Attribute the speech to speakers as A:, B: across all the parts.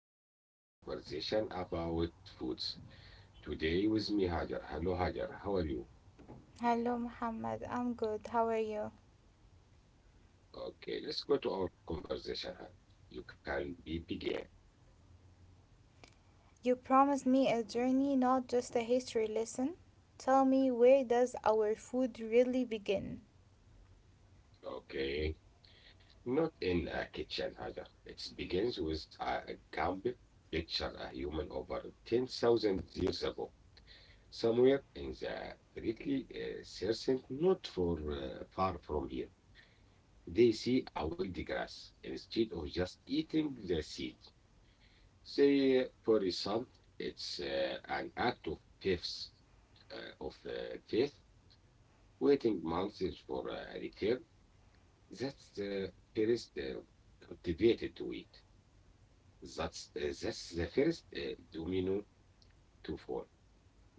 A: our new conversation about foods. Today with me, Hajar. Hello, Hajar. How are you?
B: Hello, Muhammad. I'm good. How are you?
A: Okay, let's go to our conversation. Hajar. You can be begin.
B: You promised me a journey, not just a history lesson. Tell me, where does our food really begin?
A: Okay, not in a kitchen, Hajar. It begins with a Gambic picture a human over 10,000 years ago, somewhere in the greatly recent, not for far from here. They see a wild grass instead of just eating the seed. Say, for example, it's an act of faith, uh, of uh, faith, waiting months for a return. That's the first cultivated wheat. That's the first domino to fall.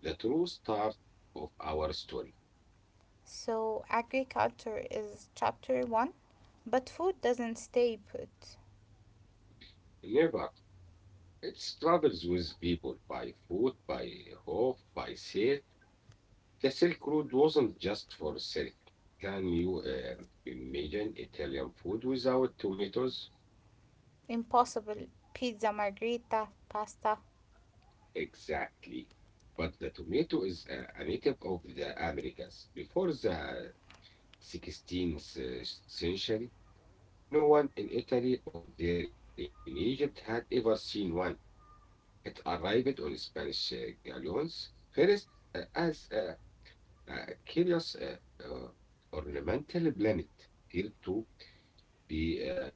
A: The true start of our story.
B: So, agriculture is chapter one, but food doesn't stay put.
A: Never. It struggles with people by food, by hope, by safe. The Silk Road wasn't just for silk. Can you imagine Italian food without tomatoes?
B: Impossible. Pizza, margherita, pasta.
A: Exactly. But the tomato is a native of the Americas. Before the 16th century, no one in Italy or there in Egypt had ever seen one. It arrived on Spanish galleons first as a curious uh, ornamental planet, feared to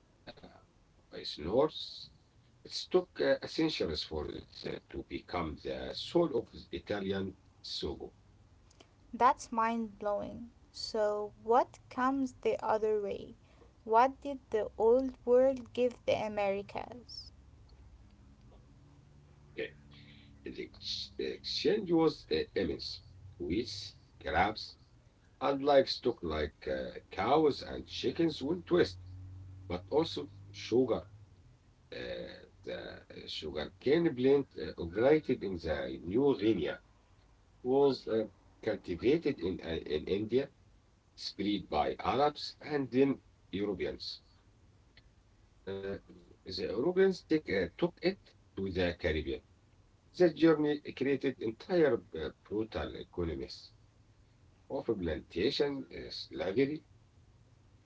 A: be by snores. It took centuries for it to become the soul of Italian sogo.
B: That's mind blowing. So, what comes the other way? What did the old world give the Americas?
A: Uh, The exchange was immense. Wheats, grapes, and livestock like cows and chickens went west, but also sugar. The sugarcane plant operated in the New Guinea was cultivated in India, spread by Arabs and then Europeans. Uh, the Europeans took it to the Caribbean. The journey created entire brutal economies of plantation slavery.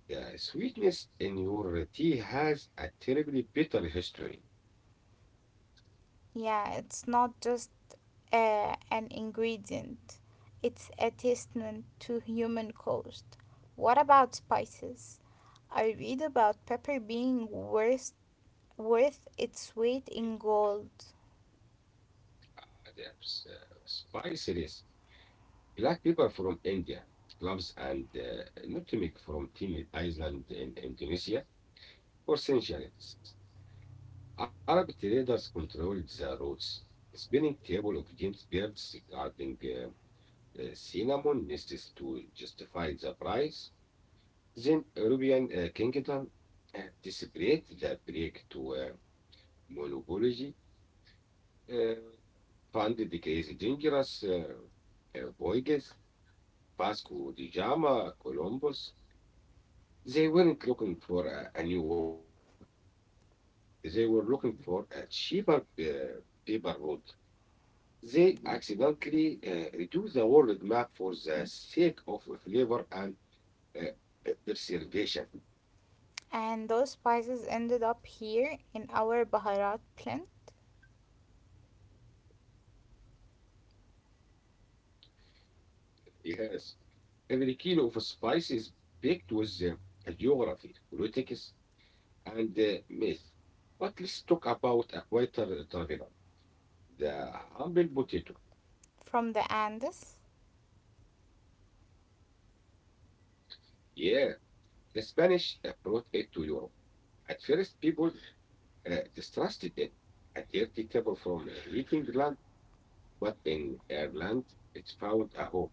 A: The sweetness in your tea has a terribly bitter history.
B: Yeah, it's not just an ingredient, it's a testament to human cost. What about spices? I read about pepper being worth its weight in gold,
A: There's spices, black pepper from India, cloves and nutmeg from Timor Island in Indonesia for centuries. Arabic readers controlled the routes, spinning table of James Beard's regarding cinnamon nests to justify the price. Then Arabian kingdom displayed the break to monopoly, uh, funded the case dangerous voyages, Vasco da Gama, Columbus. They weren't looking for a new world. They were looking for a cheaper paper road. They accidentally reduce the world map for the sake of flavor and uh, preservation.
B: and those spices ended up here in our Baharat plant
A: Yes, every kilo of spice is packed with geography, politics, and myth. But let's talk about a quieter traveler, the humble potato.
B: from the Andes.
A: Yeah, the Spanish brought it to Europe. At first, people distrusted it, a dirty table from a leaking land, but in Ireland, it found a home.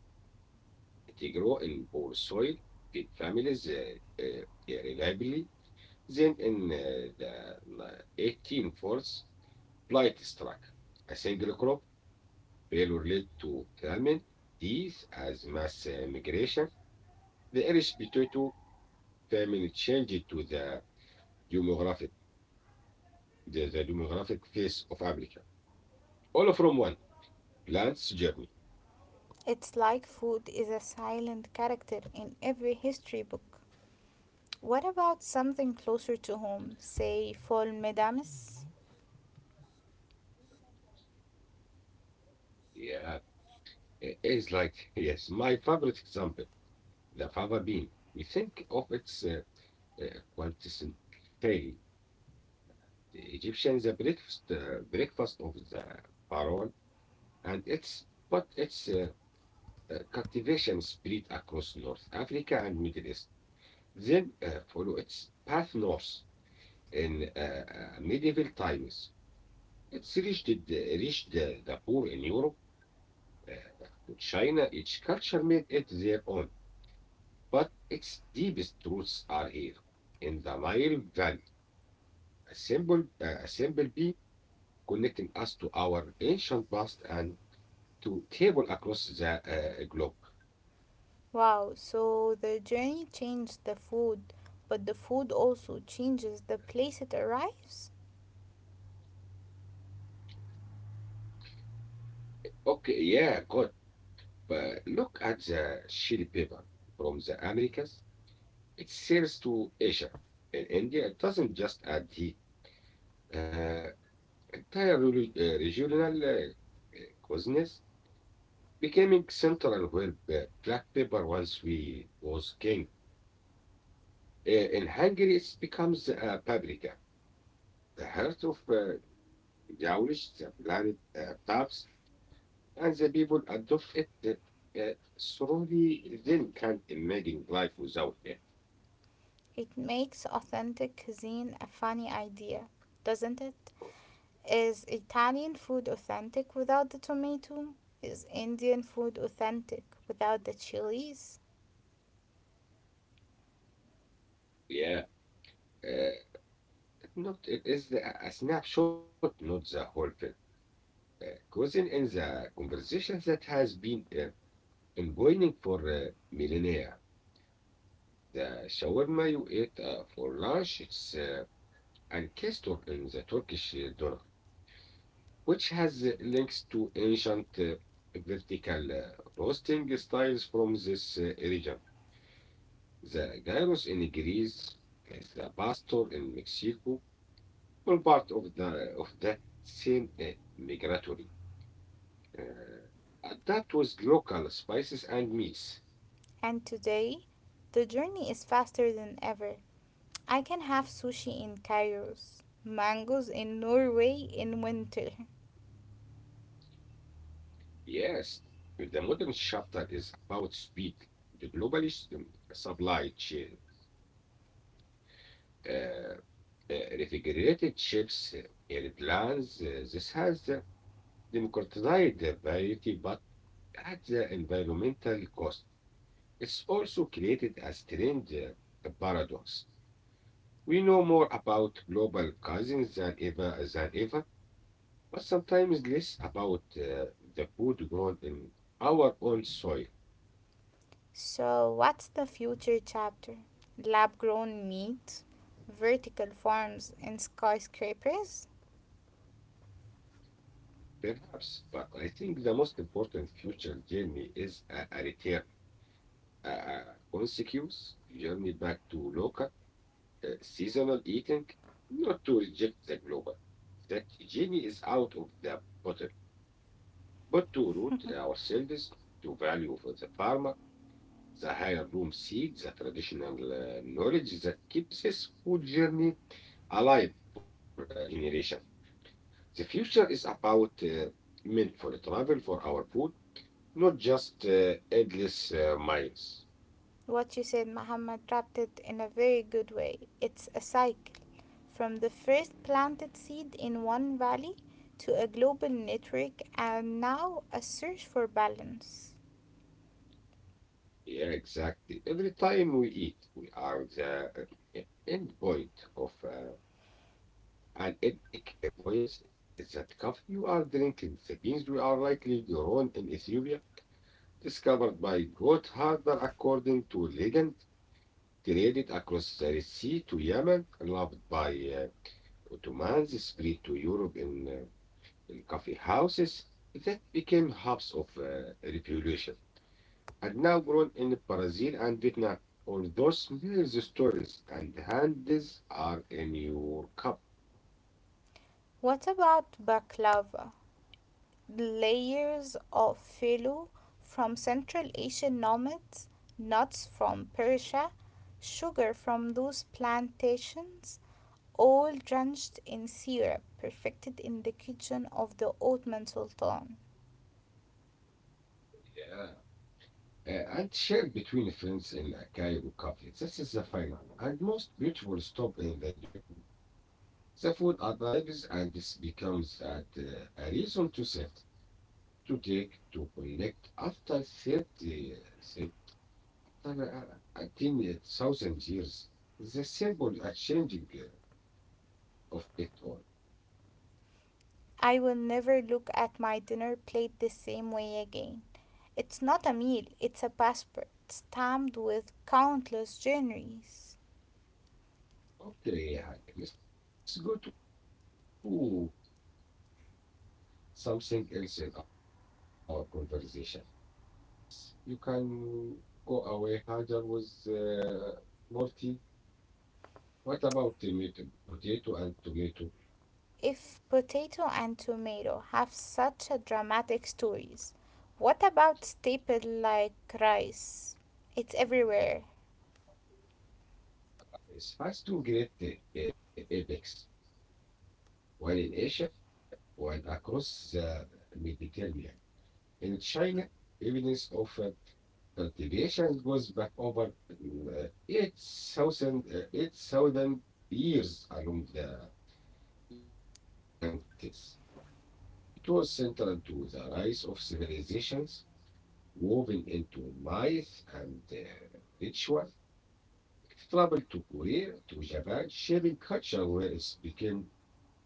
A: It grow in poor soil, feed families reliably. Then in the 18 forties, blight struck. A single crop failure led to famine, disease as mass migration. The Irish potato famine changed to the demographic, the demographic face of Africa. All from one plant's journey.
B: It's like food is a silent character in every history book. What about something closer to home, say Fall Medames?
A: Yeah, it is like, yes, my favorite example, the fava bean. We think of its quintessentially Egyptian the breakfast of the pharaoh, and its but its cultivation spread across North Africa and Middle East. Then follow its path north in medieval times. It's reached the poor in Europe, uh, to China. Each culture made it their own, but its deepest roots are here in the Nile Valley. A simple connecting us to our ancient past and to table across the globe.
B: Wow, so the journey changed the food, but the food also changes the place it arrives.
A: Okay, yeah, good. But look at the chili pepper from the Americas. It sells to Asia. In India, it doesn't just add heat. Uh, entire regional cuisines becoming central where black pepper once we was king. In Hungary, it becomes a paprika, the heart of Yawlish, the planet taps, and the people adopt it slowly, then can't imagine life without it.
B: It makes authentic cuisine a funny idea, doesn't it? Is Italian food authentic without the tomato? Is Indian food authentic without the chilies?
A: Yeah, uh, not it is a snapshot, not the whole thing. Causing in the conversation that has been ongoing for millennia. The shawarma you ate for lunch, it's an castor in the Turkish door, which has links to ancient vertical roasting styles from this region. The gyros in Greece, the pastor in Mexico, were part of the of that same migratory. That was local spices and meats.
B: And today, the journey is faster than ever. I can have sushi in Kairos, mangoes in Norway in winter.
A: Yes, the modern chapter is about speed, the global supply chain. Uh, refrigerated chips, airplanes. This has democratized the variety, but at the environmental cost. It's also created a strange paradox. We know more about global cousins than ever, but sometimes less about the food grown in our own soil.
B: So, what's the future chapter? Lab grown meat, vertical farms, and skyscrapers?
A: Perhaps, but I think the most important future journey is a return, a consequence journey back to local seasonal eating, not to reject the global. That genie is out of the bottle, but to root ourselves to value for the farmer, the higher room seed, the traditional knowledge that keeps this food journey alive for a generation. The future is about meant for travel for our food, not just endless miles.
B: What you said, Muhammad, wrapped it in a very good way. It's a cycle from the first planted seed in one valley to a global network and now a search for balance.
A: Yeah, exactly. Every time we eat, we are the end point of an epic voyage is that coffee you are drinking. The beans we are likely grown in Ethiopia, discovered by Gotthard according to legend, traded across the Red Sea to Yemen, loved by uh, Ottomans, spread to Europe in coffee houses that became hubs of revolution, and now grown in Brazil and Vietnam. All those mere stories and hands are in your cup.
B: What about baklava? Layers of fallow from Central Asian nomads, nuts from Persia, sugar from those plantations, all drenched in syrup, perfected in the kitchen of the Ottoman Sultan.
A: Yeah. Uh, and shared between friends in a Cairo cafe. This is the final and most beautiful stop in the journey. The food arrives and this becomes at, a reason to sit, to take, to connect. After 30, uh, 30 18,000 years, the symbol are changing of it all.
B: I will never look at my dinner plate the same way again. It's not a meal, it's a passport stamped with countless journeys.
A: Okay, Hag, let's go to something else in our conversation. But Morty, yes, you can go away. Hajar was Morty. What about tomato, potato and tomato?
B: If potato and tomato have such a dramatic stories, what about staple like rice? It's everywhere.
A: It has two great epics, one in Asia, one across the Mediterranean. In China, evidence of cultivation goes back over 8,000 8,000 years along the Yangtze. It was central to the rise of civilizations, moving into mice and ritual. It traveled to Korea, to Japan, shaping culture where it became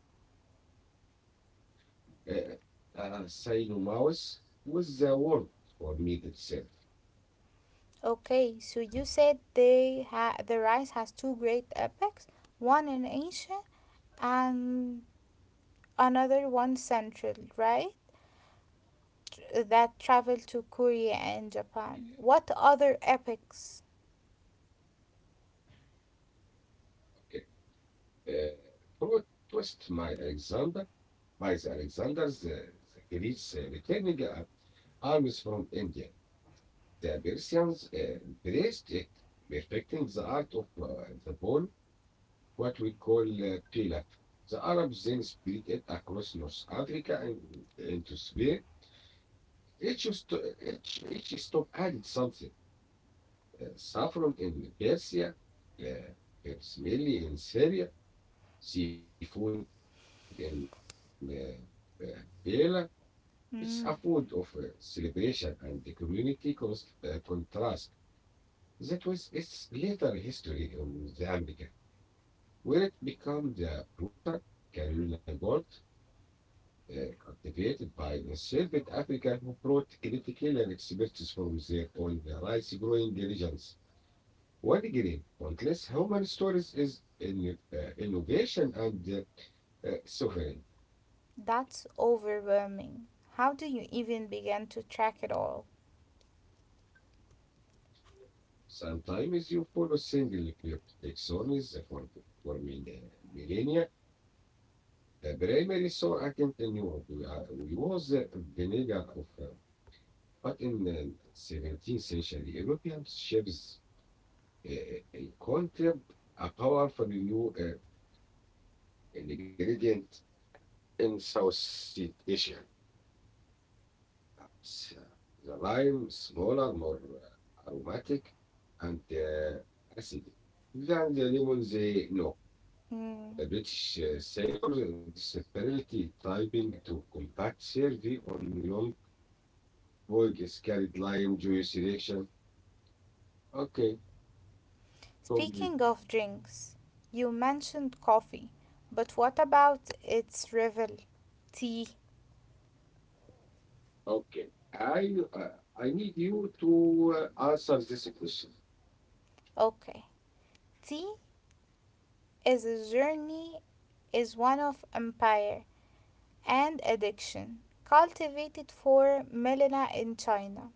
A: a synonymous with the word for meat itself.
B: Okay, so you said the rice has two great epics, one in Asia and another one central, right? That traveled to Korea and Japan. What other epics?
A: Okay. Uh, plot twist my Alexander's the Greeks returning armies from India. The Persians embraced it, perfecting the art of the ball what we call Pilaf. The Arabs then spread it across North Africa and into Spain. Each, each stop added something. Saffron in Persia, smelly in Syria, seafood in uh, uh, Bela. It's a food of
B: Mm.
A: celebration and the community contrast. That was its later history in the America, where it became the brutal Carolina Gold uh, cultivated by enslaved Africans who brought critical and expertise from their own rice growing regions. One green countless human stories is in, innovation and suffering.
B: That's overwhelming. How do you even begin to track it all?
A: Sometimes you follow single clip taxonomies for uh, millennia. The primary source account in Europe we was vinegar but in the 17th century European chefs a concept, a powerful new ingredient in Southeast Asia. uh, the lime smaller, more aromatic, and acidic than the lemon they know.
B: Mm.
A: The British sailors desperately typing to combat survey on long voyages carried lime juice reaction. Okay,
B: Speaking
A: complete.
B: of drinks, you mentioned coffee, but what about its rival, tea?
A: Okay. I uh, I need you to answer this question.
B: Okay. Tea is a journey is one of empire and addiction, cultivated for millennia in China.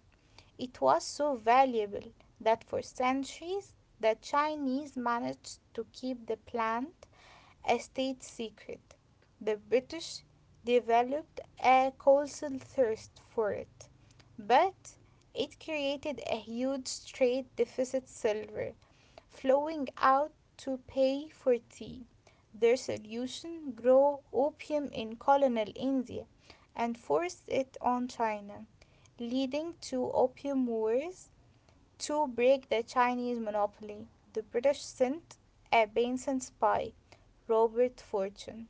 B: It was so valuable that for centuries the Chinese managed to keep the plant a state secret. The British developed a colossal thirst for it, but it created a huge trade deficit silver flowing out to pay for tea. Their solution grew opium in colonial India and forced it on China, leading to opium wars. To break the Chinese monopoly, the British sent a Benson spy Robert Fortune,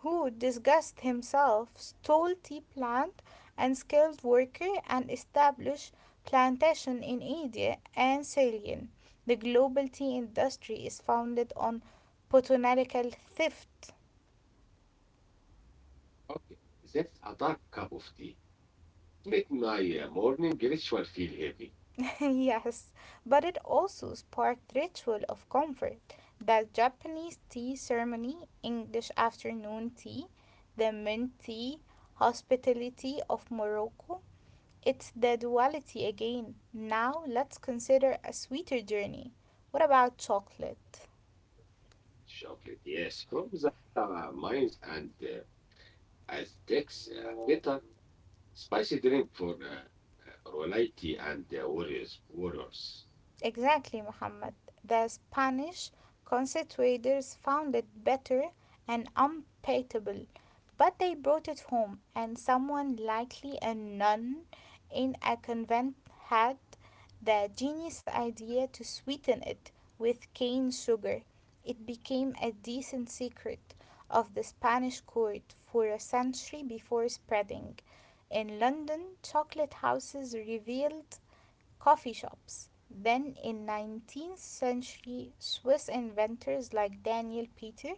B: who disguised himself, stole tea plant and skilled worker and established plantation in India and Ceylon. The global tea industry is founded on botanical theft.
A: Okay, that's a dark cup of tea. Make my morning ritual feel heavy.
B: Yes, but it also sparked ritual of comfort. That Japanese tea ceremony, English afternoon tea, the mint tea, hospitality of Morocco. It's the duality again. Now let's consider a sweeter journey. What about chocolate?
A: Chocolate, yes, from the mines and Aztecs, bitter, spicy drink for royalty and warriors.
B: Exactly, Muhammad. The Spanish conquistadors found it better and unpalatable, but they brought it home, and someone, likely a nun in a convent, had the genius idea to sweeten it with cane sugar. It became a decent secret of the Spanish court for a century before spreading. In London, chocolate houses revealed coffee shops. Then in 19th century Swiss inventors like Daniel Peter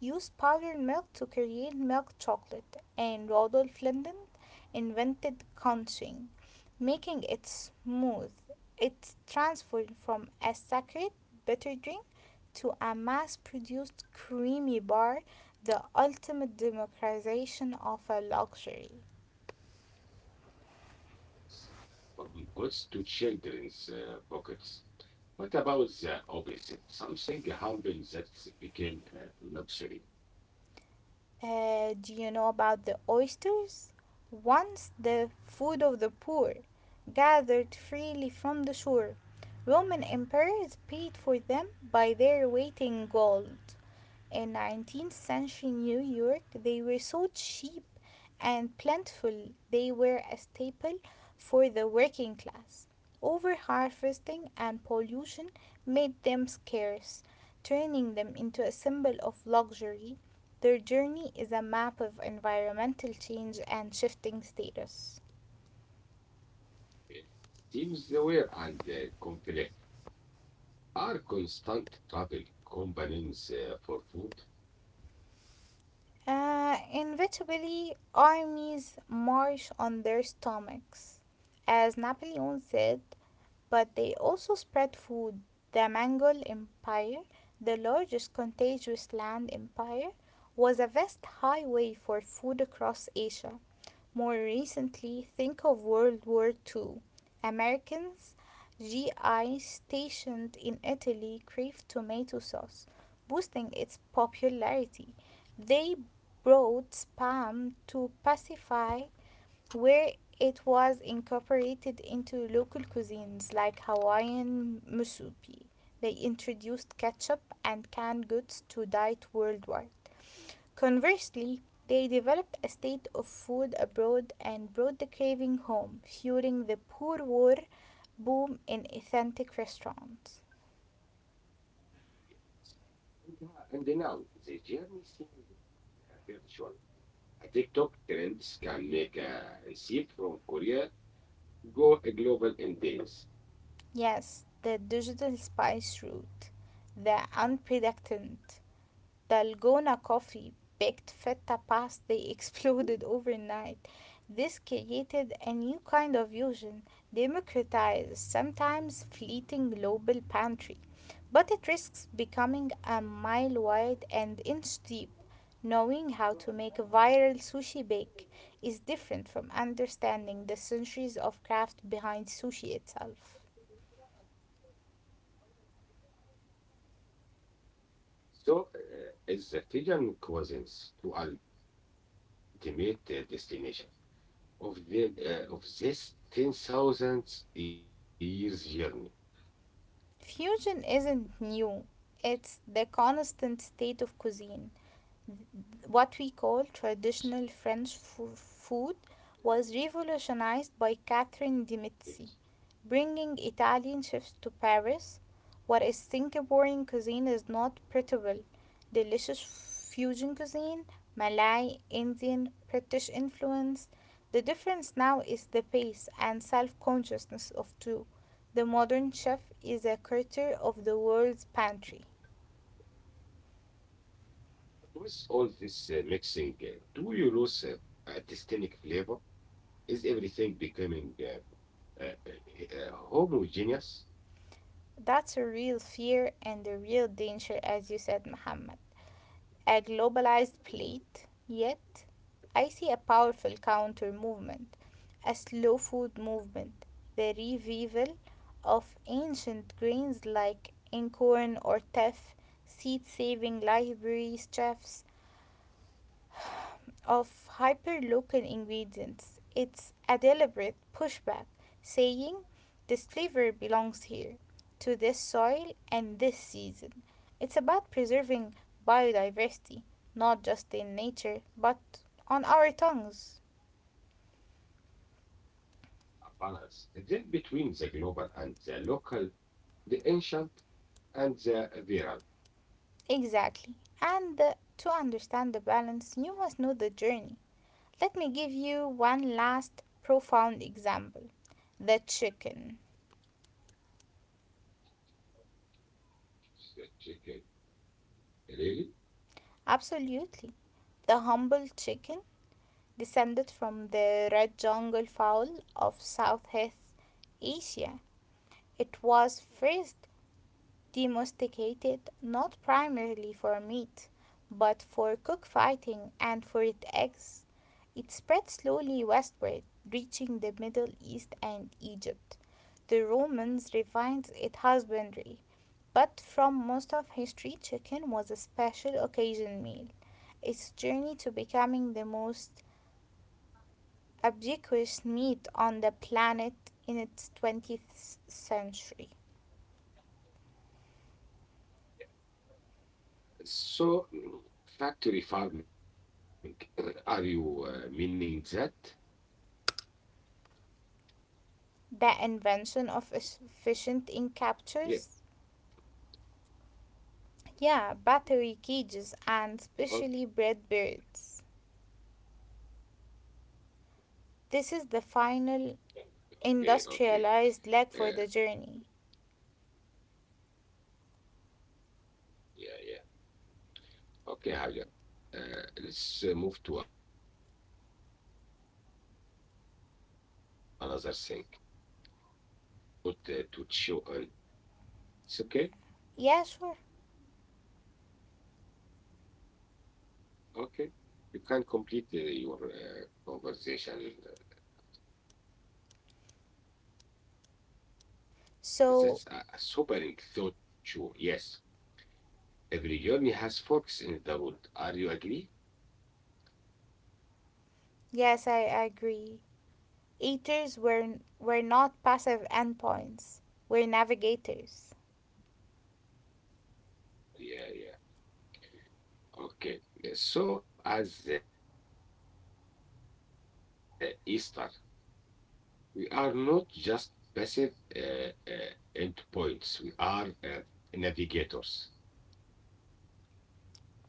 B: used powdered milk to create milk chocolate and Rodolphe Linden invented conching, making it smooth. It's transformed from a sacred bitter drink to a mass-produced creamy bar, the ultimate democratization of a luxury.
A: From goods to children's pockets. What about the opposite? Something humble that became luxury.
B: Do you know about the oysters? Once the food of the poor, gathered freely from the shore. Roman emperors paid for them by their weight in gold. In 19th century New York, they were so cheap and plentiful they were a staple for the working class. Overharvesting and pollution made them scarce, turning them into a symbol of luxury. Their journey is a map of environmental change and shifting status.
A: It seems the wear and conflict. Are constant travel companies for food?
B: Inevitably, armies march on their stomachs. As Napoleon said, but they also spread food. The Mongol Empire, the largest contiguous land empire, was a vast highway for food across Asia. More recently, think of World War Two. Americans GI stationed in Italy craved tomato sauce, boosting its popularity. They brought spam to pacify where it was incorporated into local cuisines like Hawaiian musubi. They introduced ketchup and canned goods to diet worldwide. Conversely, they developed a state of food abroad and brought the craving home, fueling the poor war boom in authentic restaurants.
A: And, uh, and now the journey seems virtual. A TikTok trends can make a receipt from Korea go global in days.
B: Yes, the digital spice route, the unpredictant, Dalgona coffee baked feta past they exploded overnight. This created a new kind of fusion, democratized, sometimes fleeting global pantry, but it risks becoming a mile wide and inch deep. Knowing how to make viral sushi bake is different from understanding the centuries of craft behind sushi itself.
A: So is the Fijian cuisines to ultimate destination of the of this 10,000 years journey.
B: Fusion isn't new, it's the constant state of cuisine. What we call traditional food was revolutionized by
A: Yes.
B: Catherine de' Medici, bringing Italian chefs to Paris. Whereas Singaporean cuisine is not portable, delicious fusion cuisine, Malay, Indian, British influence. The difference now is the pace and self consciousness of two. The modern chef is a curator of the world's pantry.
A: But with all this mixing, do you lose a distinct flavor? Is everything becoming homogeneous,
B: That's a real fear and a real danger, as you said, Muhammad. A globalized plate, yet I see a powerful counter movement, a slow food movement, the revival of ancient grains like incorn or teff, seed saving libraries, chefs, of hyperlocal ingredients. It's a deliberate pushback saying this flavor belongs here, to this soil and this season. It's about preserving biodiversity, not just in nature, but on our tongues.
A: a balance? Then between the global and the local, the ancient and the viral.
B: Exactly. And to understand the balance, you must know the journey. Let me give you one last profound example the chicken.
A: Chicken. Really?
B: Absolutely. The humble chicken descended from the red jungle fowl of Southeast Asia. It was first domesticated not primarily for meat, but for cockfighting and for its eggs. It spread slowly westward, reaching the Middle East and Egypt. The Romans refined its husbandry, but from most of history, chicken was a special occasion meal. Its journey to becoming the most Ubiquitous meat on the planet in its 20th century.
A: So, factory farming, are you meaning that?
B: The invention of efficient
A: Yeah,
B: encaptures, yeah, battery cages, and specially bred birds. This is the final
A: okay, okay. Uh,
B: industrialized leg for the journey.
A: yeah, yeah. Okay, Hajar. Let's move to another thing. Uh, that's a sobering thought to chew on. It's okay,
B: Yeah, sure.
A: okay. You can complete your conversation.
B: So,
A: That's a sobering thought to chew. Yes, every journey has forks in the road. Are you agree?
B: yes, I agree. Eaters were not passive endpoints, were navigators.
A: Yeah, yeah. Okay. So as Easter, we are not just passive endpoints. We are navigators.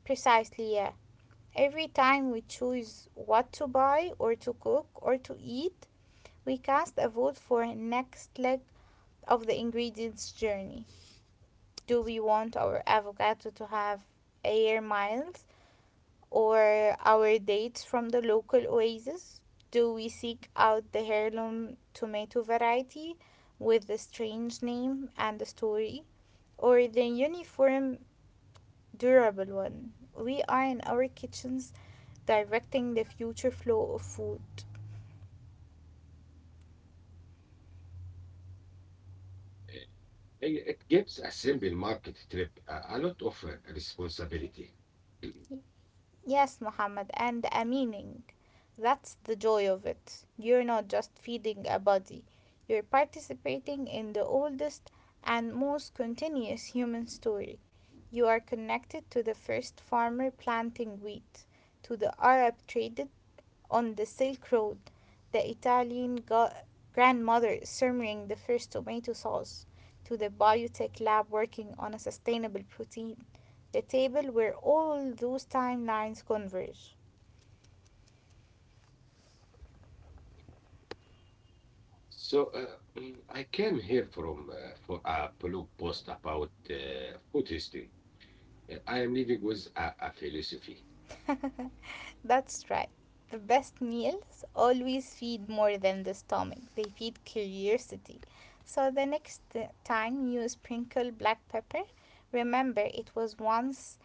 B: Precisely, yeah. Every time we choose what to buy or to cook or to eat, we cast a vote for next leg of the ingredients journey. Do we want our avocado to have air miles or our dates from the local oasis? Do we seek out the heirloom tomato variety with the strange name and the story or the uniform durable one? We are in our kitchens directing the future flow of food.
A: Uh, it gives a simple market trip a lot of responsibility.
B: Yes, Muhammad, and a meaning. That's the joy of it. You're not just feeding a body, you're participating in the oldest and most continuous human story. You are connected to the first farmer planting wheat, to the Arab trader on the Silk Road, the Italian grandmother simmering the first tomato sauce, to the biotech lab working on a sustainable protein, the table where all those timelines converge.
A: So, I came here from for a blog post about food history. I am living with a philosophy.
B: That's right. The best meals always feed more than the stomach, they feed curiosity. So the next time you sprinkle black pepper, remember it was once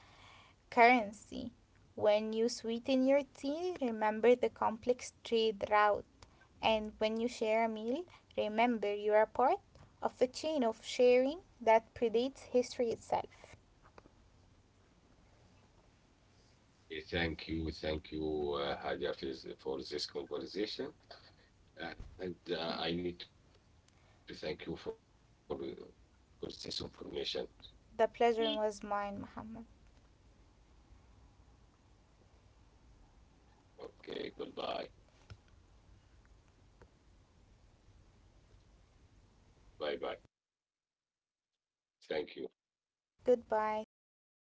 B: currency. When you sweeten your tea, remember the complex trade route. And when you share a meal, remember you are part of a chain of sharing that predates history itself.
A: Thank you, Hadia, for this conversation, uh, and I need to thank you for this information.
B: The pleasure was mine, Muhammad.
A: Okay, goodbye, bye bye. Thank you.
B: Goodbye. Thank you.